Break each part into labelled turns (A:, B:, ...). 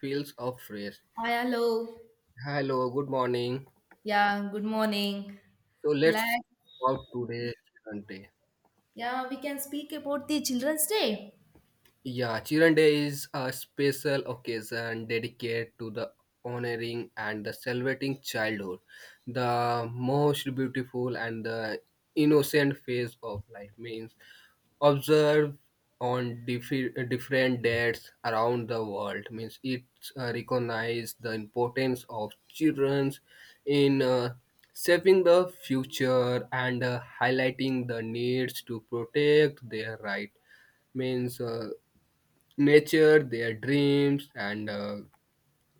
A: Fields of race.
B: Hi, hello.
A: Hello, good morning.
B: Yeah, good morning.
A: So let's
B: Like,
A: talk today, Chante.
B: yeah, we can speak about the Children's Day.
A: Yeah, Children Day is a special occasion dedicated to the honoring and the celebrating childhood, the most beautiful and the innocent phase of life means observed on different dates around the world means it recognizes the importance of children in shaping the future and highlighting the needs to protect their right means Nature, their dreams and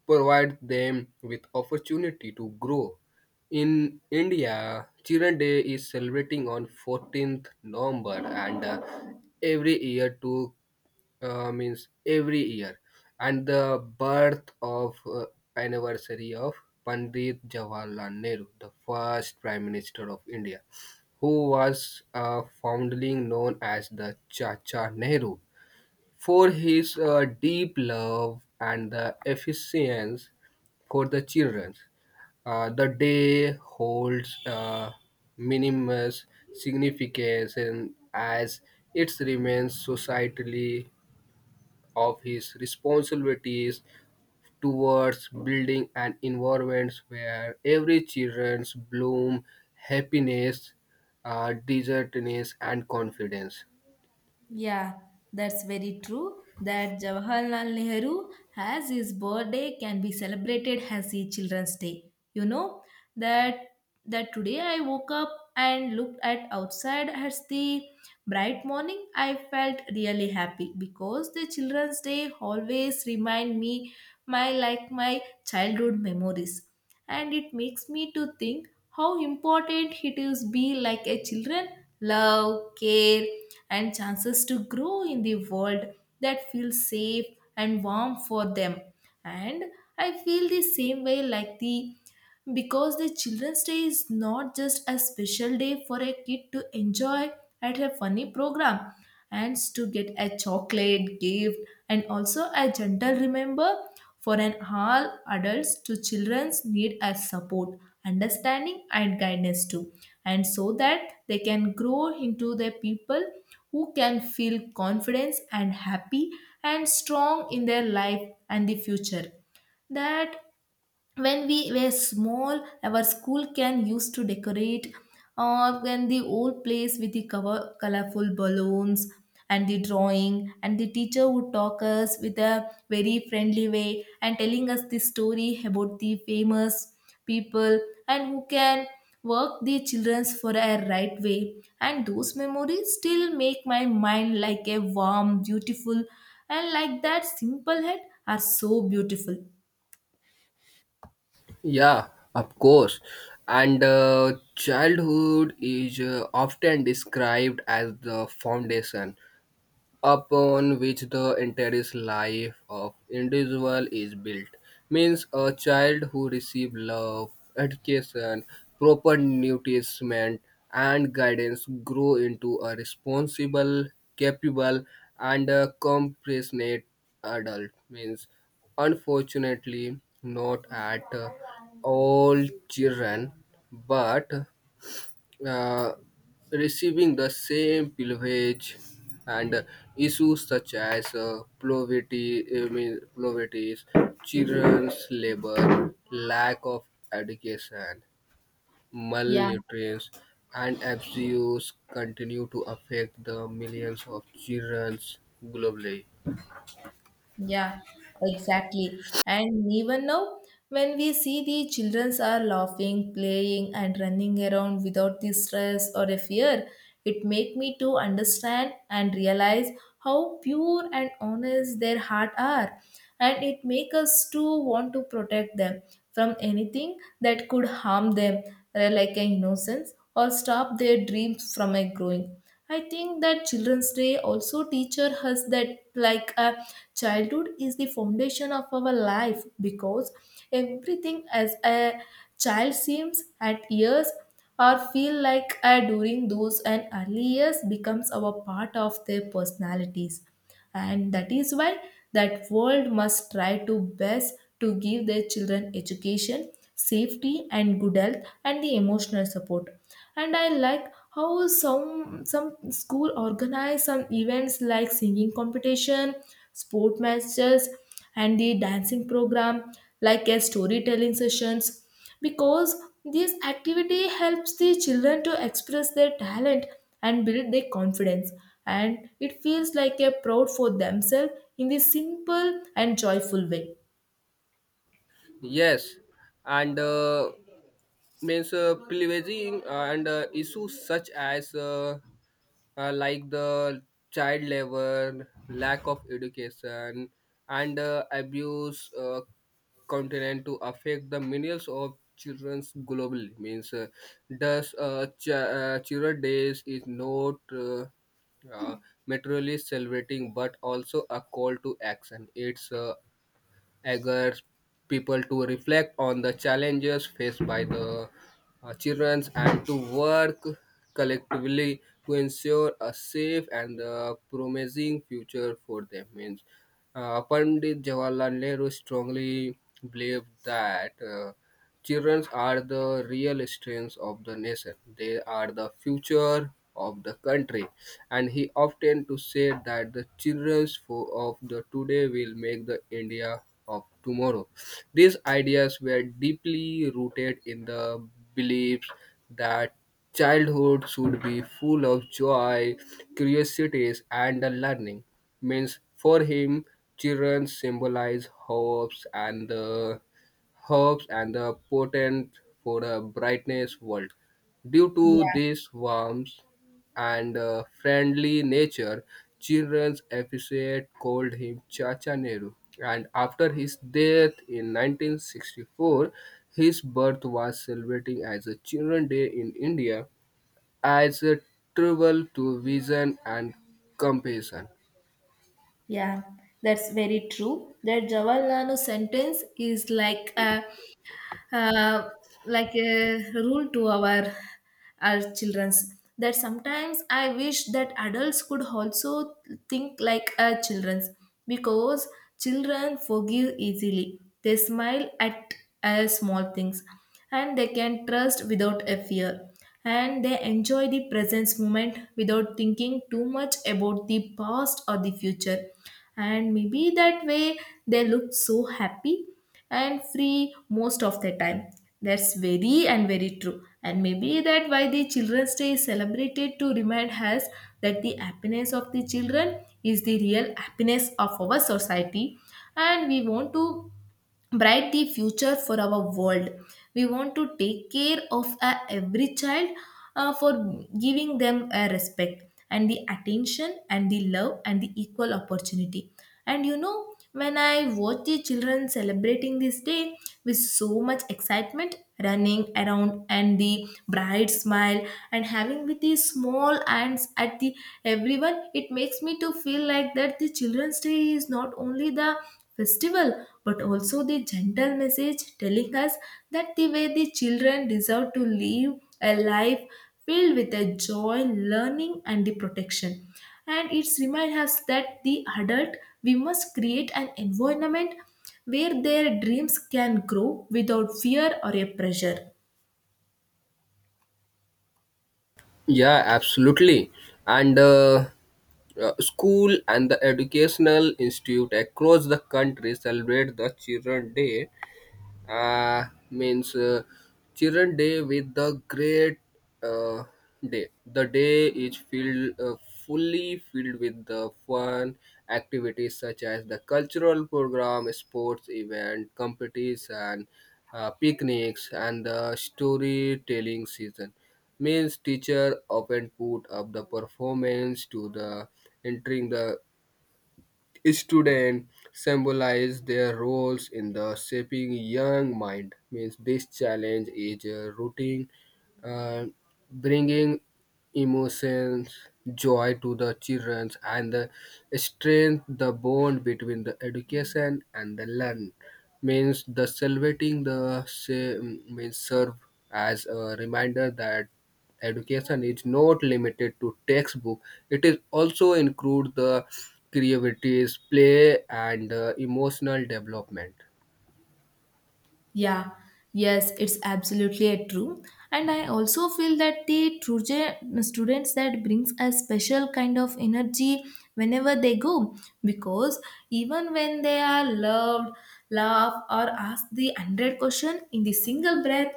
A: provide them with opportunity to grow. In India, Children Day is celebrating on 14th November and every year to means every year and the birth of anniversary of Pandit Jawaharlal Nehru, the first Prime Minister of India, who was fondly known as the Chacha Nehru for his deep love and the efficiency for the children. The day holds minimus significance and as it remains societally of his responsibilities towards building an environment where every children's bloom happiness, desertedness, and confidence.
B: Yeah, that's very true. That Jawaharlal Nehru has his birthday can be celebrated as the Children's Day. You know that that today I woke up and looked at outside as the bright morning. I felt really happy because the Children's Day always remind me my like my childhood memories, and it makes me to think how important it is be like a children, love, care, and chances to grow in the world that feels safe and warm for them, and I feel the same way like the, because the children's day is not just a special day for a kid to enjoy at a funny program and to get a chocolate gift, and also a gentle remember for an all adults to children's need a support, understanding, and guidance too, and so that they can grow into the people who can feel confidence and happy and strong in their life and the future. That when we were small, our school can used to decorate when the old place with the cover, colorful balloons and the drawing, and the teacher would talk us with a very friendly way and telling us the story about the famous people and who can work the childrens for a right way, and those memories still make my mind like a warm, beautiful, and like that simple head are so beautiful.
A: Yeah, of course. And childhood is often described as the foundation, upon which the entire life of individual is built means a child who receives love education proper nourishment and guidance grow into a responsible capable and a compassionate adult means unfortunately not at all children but uh, receiving the same privilege and issues such as poverty, I mean, poverties, children's labor, lack of education,
B: Yeah.
A: malnutrition, and abuse continue to affect the millions of children globally.
B: Yeah, exactly. And even now, when we see the children are laughing, playing, and running around without the stress or a fear, it make me to understand and realize how pure and honest their heart are, and it make us to want to protect them from anything that could harm them, like an innocence, or stop their dreams from a growing. I think that Children's Day also teaches us that like a childhood is the foundation of our life, because everything as a child seems at years or feel like during those and early years becomes our part of their personalities, and that is why that world must try to best to give their children education, safety, and good health and the emotional support. And I like how some school organize some events like singing competition, sport matches, and the dancing program, like a storytelling sessions, because this activity helps the children to express their talent and build their confidence, and it feels like a proud for themselves in this simple and joyful way.
A: Yes, and means privileging and issues such as like the child labor, lack of education, and abuse continent to affect the millions of childrens globally. Means thus, children days is not. Uh, materially celebrating but also a call to action it's eager people to reflect on the challenges faced by the children and to work collectively to ensure a safe and promising future for them. Means, Pandit Jawaharlal Nehru strongly believed that. Children are the real strength of the nation. They are the future of the country. And he often to say that the of the today will make the India of tomorrow. These ideas were deeply rooted in the beliefs that childhood should be full of joy, curiosities, and the learning. Means for him, children symbolize hopes and the herbs and the potent for a brightness world. Due to
B: Yeah,
A: this warmth and friendly nature, children appreciate called him Chacha Nehru. And after his death in 1964, his birth was celebrated as a Children's Day in India as a tribute to vision and compassion.
B: yeah, that's very true. That jawaharlal nehru sentence is uh, like a rule to our childrens, that sometimes I wish that adults could also think like our childrens, because children forgive easily, they smile at small things, and they can trust without a fear, and they enjoy the present moment without thinking too much about the past or the future, and maybe that way they look so happy and free most of the time. That's very and very true, and maybe that why the children's day is celebrated to remind us that the happiness of the children is the real happiness of our society, and we want to bright the future for our world. We want to take care of every child, for giving them a respect and the attention and the love and the equal opportunity. And you know, when I watch the children celebrating this day with so much excitement, running around and the bright smile and having with the small hands at the everyone, it makes me to feel like that the children's day is not only the festival, but also the gentle message telling us that the way the children deserve to live a life filled with a joy, learning, and the protection. And it reminds us that the adult, we must create an environment where their dreams can grow without fear or a pressure.
A: Yeah, absolutely. And school and the educational institute across the country celebrate the Children Day means children day with the great uh, day the day is filled fully filled with the fun activities such as the cultural program sports event competition picnics and the storytelling season means teacher often put up the performance to the entering the students symbolize their roles in the shaping young mind means this challenge is rooting uh, bringing emotions joy to the children and the strength the bond between the education and the learn means the celebrating the sa- means serve as a reminder that education is not limited to textbook. It is also include the creativities, play, and emotional development.
B: Yeah, yes, it's absolutely a true. And I also feel that the true students that brings a special kind of energy whenever they go, because even when they are loved, laugh, or ask the 100 question in the single breath,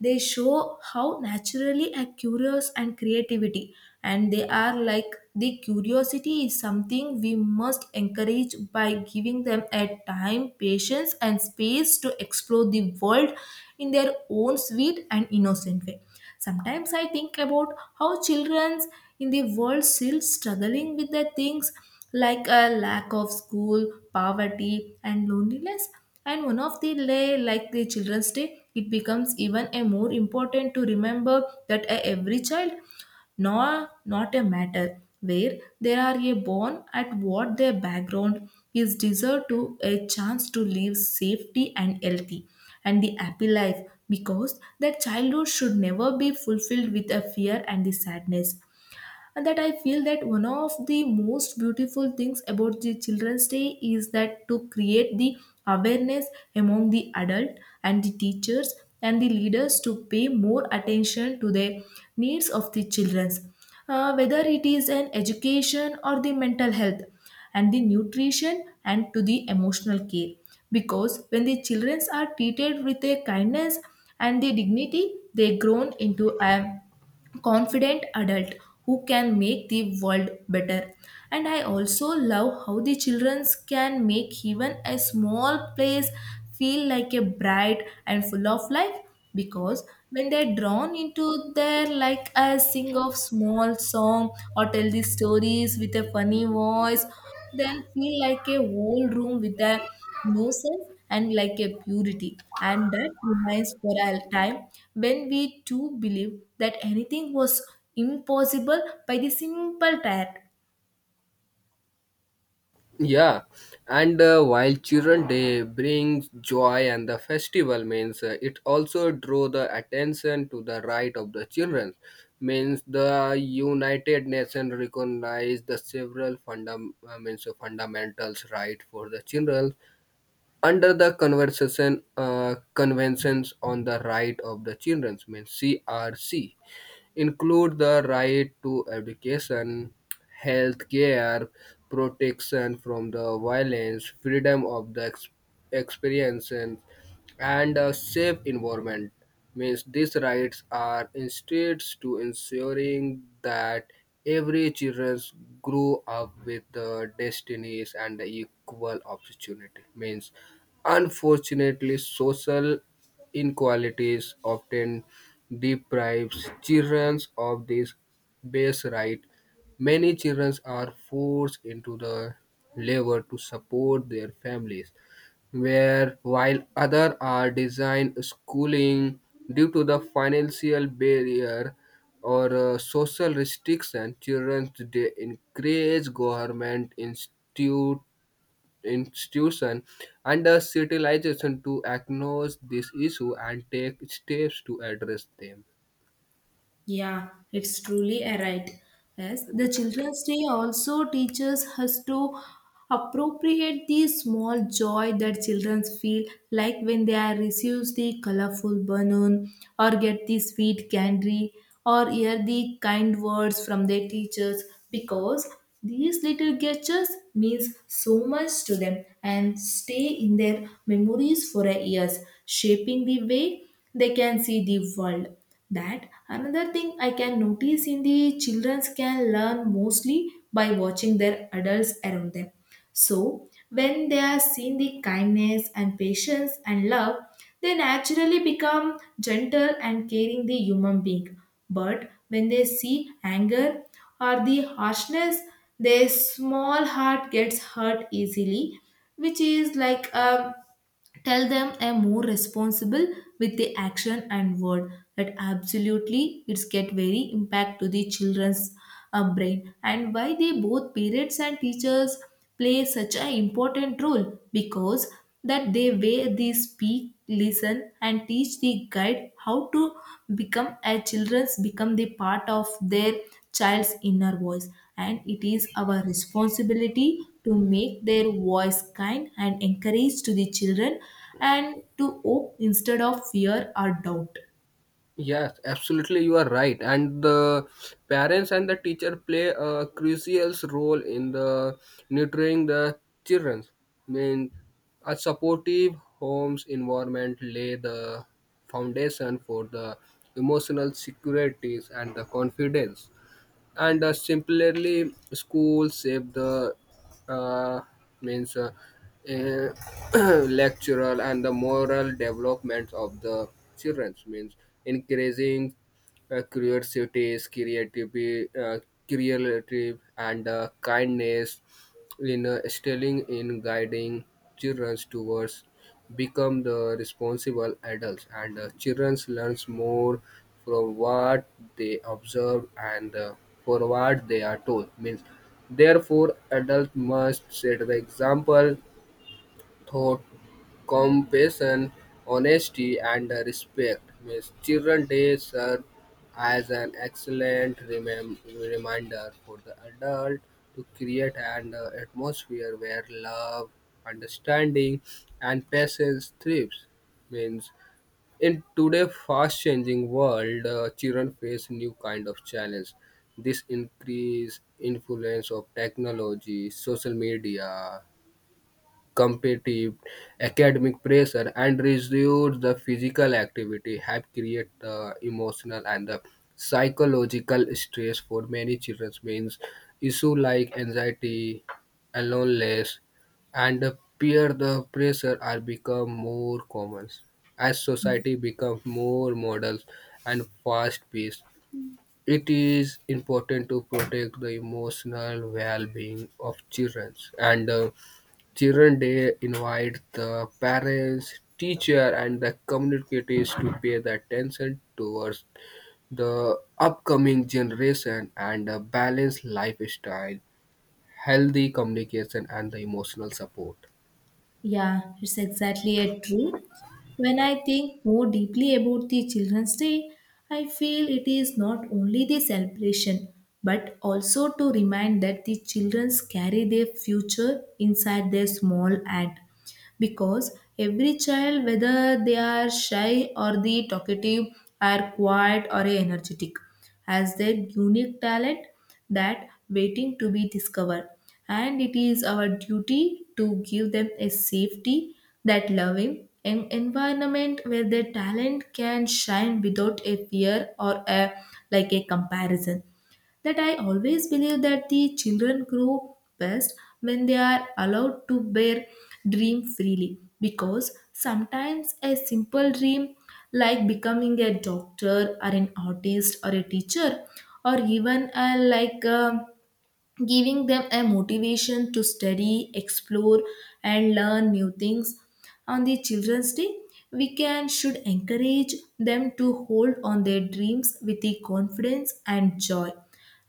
B: they show how naturally a curious and creativity, and they are like the curiosity is something we must encourage by giving them a time, patience, and space to explore the world in their own sweet and innocent way. Sometimes I think about how children in the world still struggling with the things like a lack of school, poverty, and loneliness. And one of the lay like the Children's Day, it becomes even a more important to remember that a every child, nor not a matter where they are a born at what their background is, deserved to a chance to live safety and healthy and the happy life, because that childhood should never be fulfilled with a fear and the sadness. And that I feel that one of the most beautiful things about the children's day is that to create the awareness among the adult and the teachers and the leaders to pay more attention to the needs of the children's, whether it is an education or the mental health and the nutrition and to the emotional care, because when the children are treated with a kindness and the dignity, they grown into a confident adult who can make the world better. And I also love how the children can make even a small place feel like a bright and full of life, because when they're drawn into their, like a sing of small song or tell the stories with a funny voice, then feel like a whole room with a no innocence and like a purity. And that remains for a time when we too believe that anything was impossible by the simple tact.
A: Yeah, and while children day brings joy and the festival means it also draw the attention to the right of the children means the United Nations recognize the several funda- means fundamentals right for the children under the conversation conventions on the right of the children means crc include the right to education health care protection from the violence freedom of the experience and a safe environment means these rights are instead to ensuring that every children grow up with the destinies and the equal opportunity means unfortunately, social inequalities often deprives children of this base right. Many children are forced into the labor to support their families, where while others are designed schooling due to the financial barrier or social restriction, children today encourage government institute institution and the civilization to acknowledge this issue and take steps to address them.
B: Yeah, it's truly a right. Yes, the Children's Day also teaches us to appropriate the small joy that children feel, like when they are receives the colorful balloon, or get the sweet candy, or hear the kind words from their teachers, because these little gestures means so much to them and stay in their memories for years, shaping the way they can see the world. That another thing I can notice in the children can learn mostly by watching their adults around them. So when they are seeing the kindness and patience and love, they naturally become gentle and caring the human being. But when they see anger or the harshness, their small heart gets hurt easily, which is like a tell them I'm more responsible with the action and word. That absolutely it's get very impact to the children's brain, and why they both parents and teachers play such an important role, because that they way they speak, listen, and teach the guide how to become a children's become the part of their child's inner voice, and it is our responsibility to make their voice kind and encourage to the children, and to hope instead of fear or doubt.
A: Yes, absolutely, you are right. And the parents and the teacher play a crucial role in the nurturing the children. I mean, a supportive homes environment lay the foundation for the emotional securities and the confidence. And similarly schools save the uh, means uh, eh, lectural and the moral development of the children means increasing curiosities creativity creative and kindness in excelling in guiding children towards become the responsible adults and children learns more from what they observe and for what they are told means therefore adults must set the example thought, compassion, honesty, and respect. Miss Children's Day serves as an excellent reminder for the adult to create an atmosphere where love, understanding, and patience thrives. Means in today's fast-changing world, children face new kind of challenge. This increase influence of technology, social media, competitive academic pressure and reduced the physical activity have created the emotional and the psychological stress for many children means issue like anxiety loneliness and the peer the pressure are become more common as society becomes more models and fast paced it is important to protect the emotional well-being of children and Children Day invite the parents, teacher, and the communities to pay the attention towards the upcoming generation and a balanced lifestyle, healthy communication, and the emotional support.
B: Yeah, it's exactly it, true. When I think more deeply about the Children's Day, I feel it is not only the celebration but also to remind that the children carry their future inside their small act, because every child, whether they are shy or the talkative, are quiet or energetic, has their unique talent that waiting to be discovered, and it is our duty to give them a safety, that loving an environment where their talent can shine without a fear or a, like a comparison. That I always believe that the children grow best when they are allowed to bear dream freely, because sometimes a simple dream like becoming a doctor or an artist or a teacher, or even a, like a giving them a motivation to study, explore, and learn new things. On the Children's Day, we can should encourage them to hold on their dreams with the confidence and joy.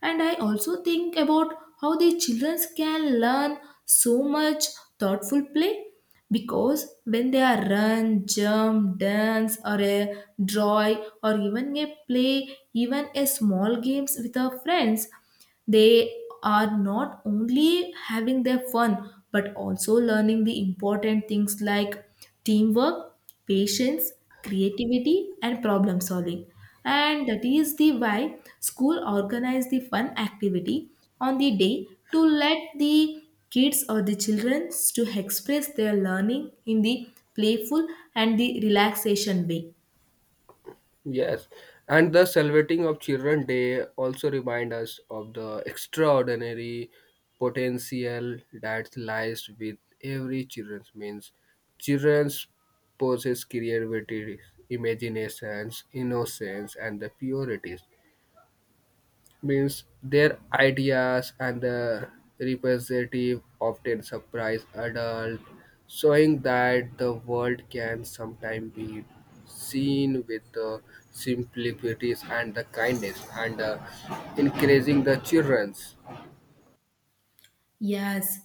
B: And I also think about how the children can learn so much thoughtful play, because when they are run, jump, dance, or a draw, or even a play even a small games with our friends, they are not only having their fun but also learning the important things like teamwork, patience, creativity, and problem solving. And that is the why school organize the fun activity on the day to let the kids or the children to express their learning in the playful and the relaxation way.
A: Yes, and the celebrating of Children Day also remind us of the extraordinary potential that lies with every children's means. Childrens possess creativity, imaginations, innocence, and the purities means their ideas and the representative often surprise adult, showing that the world can sometimes be seen with the simplicities and the kindness and encouraging the children's
B: Yes,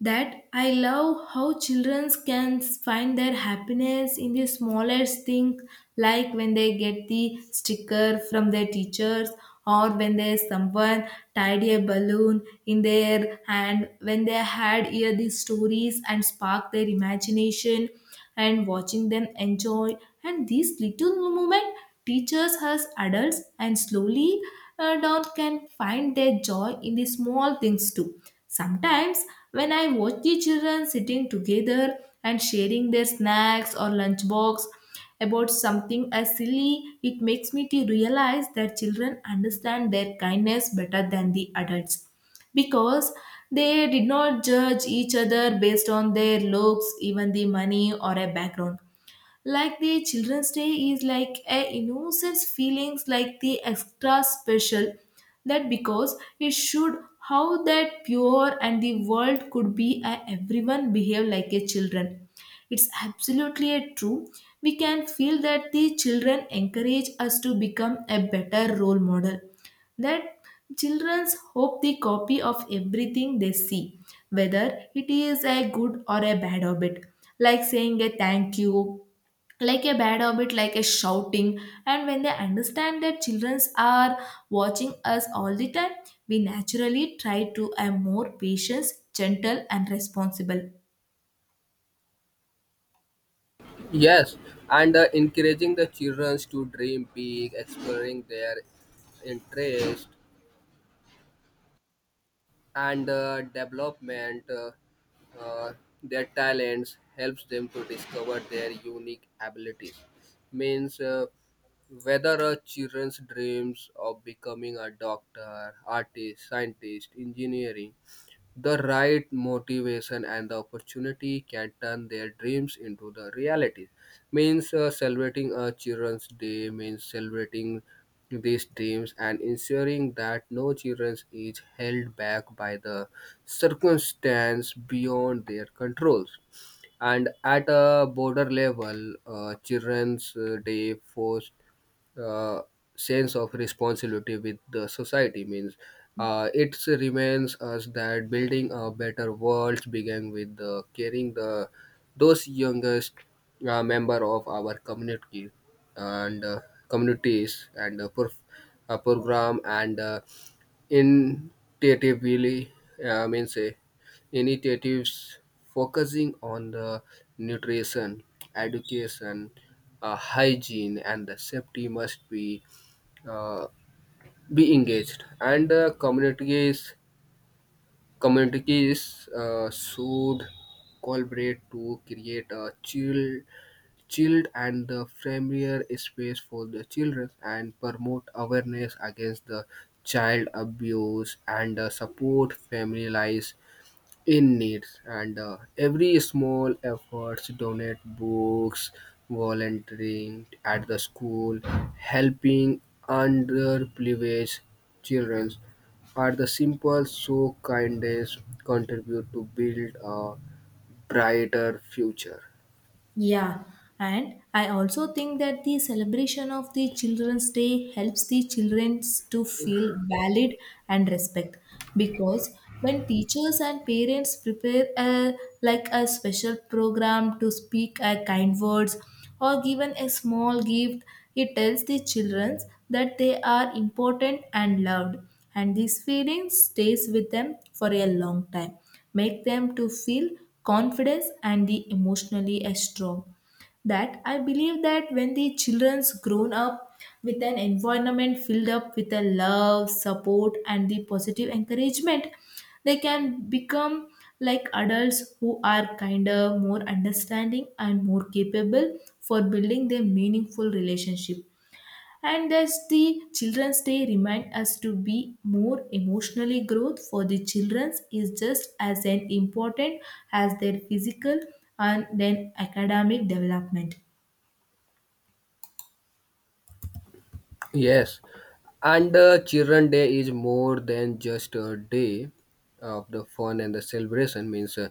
B: that I love how children can find their happiness in the smallest things, like when they get the sticker from their teachers, or when there's someone tidy a balloon in their hand, when they had hear these stories and spark their imagination and watching them enjoy and these little moments teaches us adults and slowly adults can find their joy in the small things too sometimes when I watch the children sitting together and sharing their snacks or lunchbox about something as silly it makes me to realize that children understand their kindness better than the adults because they did not judge each other based on their looks, even the money or a background like the children's day is like a innocence feelings like the extra special that because it showed how that pure and the world could be a everyone behave like a children. It's absolutely a true. We can feel that the children encourage us to become a better role model that children's hope the copy of everything they see whether it is a good or a bad habit, like saying a thank you, like a bad habit like a shouting. And when they understand that children are watching us all the time we naturally try to have more patience gentle and responsible.
A: yes and encouraging the children's to dream big exploring their interest and development uh, their talents helps them to discover their unique abilities means whether a children's dreams of becoming a doctor artist scientist engineering the right motivation and the opportunity can turn their dreams into the reality. Means celebrating a Children's Day means celebrating these dreams and ensuring that no children is held back by the circumstance beyond their controls and at a border level children's day forced uh, sense of responsibility with the society means it remains us that building a better world began with the caring the those youngest member of our community and communities and uh, prof- program and Initiatively, means initiatives focusing on the nutrition, education, hygiene, and the safety must uh, be engaged, and communities communities should collaborate to create a chill chilled and the familiar space for the children and promote awareness against the child abuse and support families in needs and every small efforts donate books volunteering at the school helping underprivileged children are the simple so kindness contribute to build a brighter future.
B: Yeah, and I also think that the celebration of the Children's Day helps the children to feel valid and respect because when teachers and parents prepare a, like a special program to speak a kind words or given a small gift, it tells the children that they are important and loved, and this feeling stays with them for a long time make them to feel confidence and the emotionally as strong that I believe that when the children's grown up with an environment filled up with a love support and the positive encouragement they can become like adults who are kinder more understanding and more capable for building their meaningful relationship. And thus the children's day remind us to be more emotionally growth for the children's is just as an important as their physical and then academic development.
A: Yes, and Children Day is more than just a day of the fun and the celebration. Means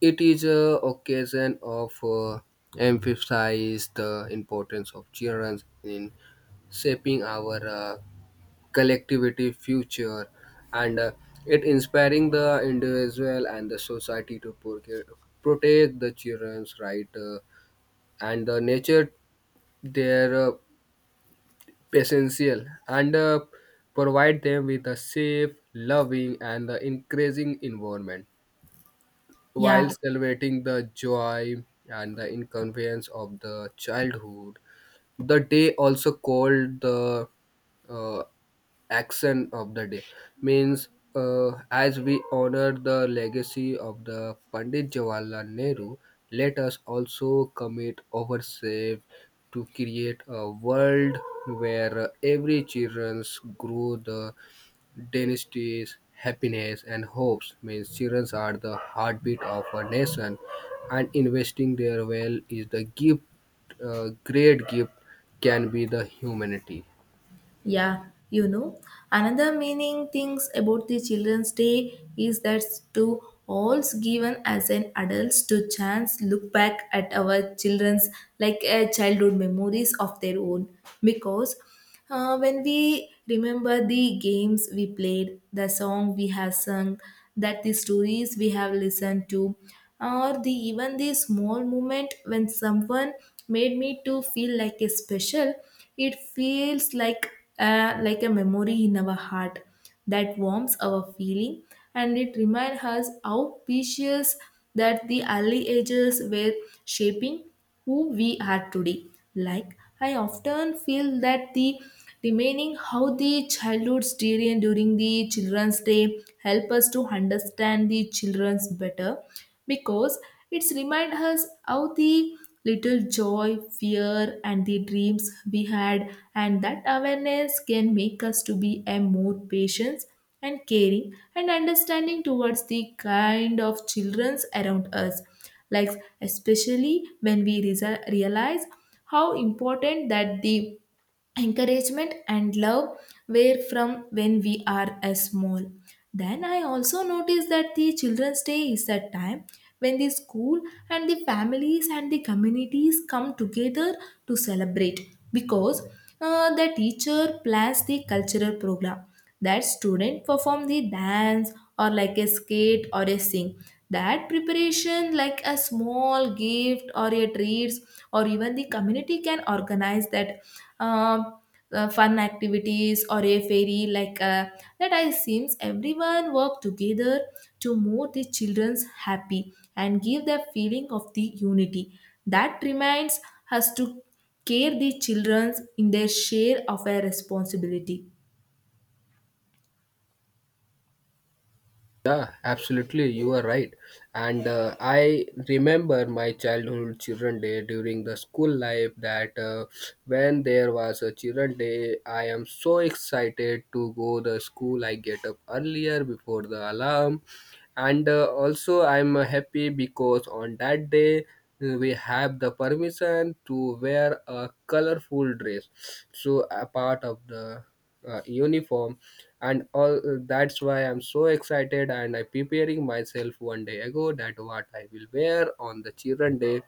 A: it is a occasion of emphasize the importance of children in shaping our collectivity future, and it inspiring the individual and the society to protect the children's right and the nature their essential and provide them with a safe, loving, and encouraging environment while
B: Yeah.
A: celebrating the joy and the inconvenience of the childhood. The day also called the uh, action of the day means as we honor the legacy of the Pandit Jawaharlal Nehru, let us also commit ourselves to create a world where every children grow the dynasties, happiness, and hopes means children are the heartbeat of a nation, and investing their well is the gift, great gift, can be the humanity.
B: Yeah, you know, another meaning things about the Children's Day is that to all's given as an adults to chance look back at our children's, like childhood memories of their own, because when we remember the games we played, the song we have sung, that the stories we have listened to, or the even the small moment when someone made me to feel like a special, it feels like a memory in our heart that warms our feeling, and it reminds us how precious that the early ages were shaping who we are today. Like I often feel that the remaining how the childhood's during the children's day help us to understand the children's better because it's remind us how the little joy, fear, and the dreams we had, and that awareness can make us to be a more patient and caring and understanding towards the kind of childrens around us. Like especially when we realize how important that the encouragement and love were from when we are as small, then I also noticed that the children's day is a time when the school and the families and the communities come together to celebrate because the teacher plans the cultural program that student perform the dance or like a skate or a sing, that preparation like a small gift or a treats or even the community can organize that um, fun activities or a fairy like that I seems everyone work together to make the children's happy and give the feeling of the unity that reminds us to care the children in their share of a responsibility.
A: Yeah, absolutely. You are right. And I remember my childhood Children Day during the school life that when there was a Children Day, I am so excited to go the school. I get up earlier before the alarm. And also I'm happy because on that day we have the permission to wear a colorful dress. So a part of the uniform and all that's why I'm so excited and I'm preparing myself one day ago that what I will wear on the children day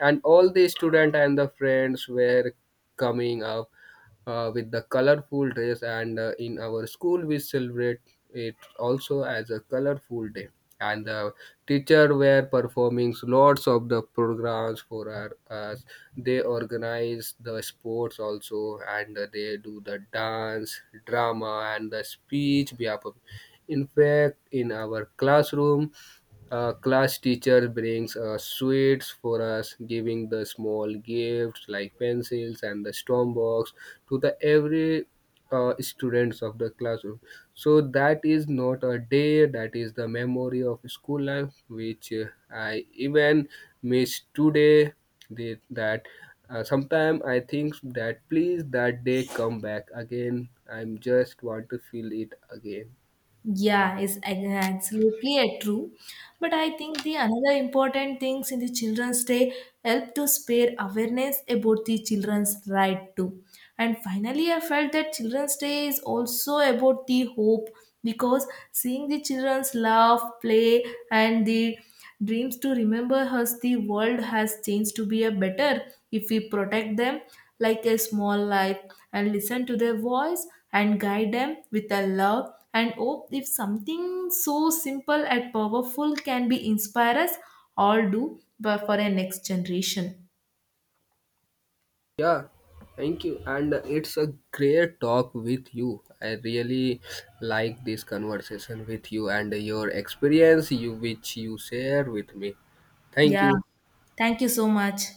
A: and all the student and the friends were coming up with the colorful dress and in our school we celebrate it also as a colorful day and the teacher were performing lots of the programs for us they organize the sports also and they do the dance drama and the speech in fact in our classroom a class teacher brings sweets for us, giving the small gifts like pencils and the storm box to the every students of the classroom. So that is not a day. That is the memory of school life, which I even miss today. That sometimes I think that please that day come back again. I'm just want to feel it again.
B: Yeah, it's ag- Absolutely a true. But I think the another important things in the Children's Day help to spare awareness about the children's right too. And finally, I felt that Children's Day is also about the hope because seeing the children's laugh, play, and the dreams to remember us the world has changed to be a better if we protect them like a small life and listen to their voice and guide them with a love and hope if something so simple and powerful can be inspire us all do but for a next generation.
A: Yeah, thank you. And it's a great talk with you. I really like this conversation with you and your experience you which you share with me. Thank
B: Yeah,
A: you.
B: thank you so much.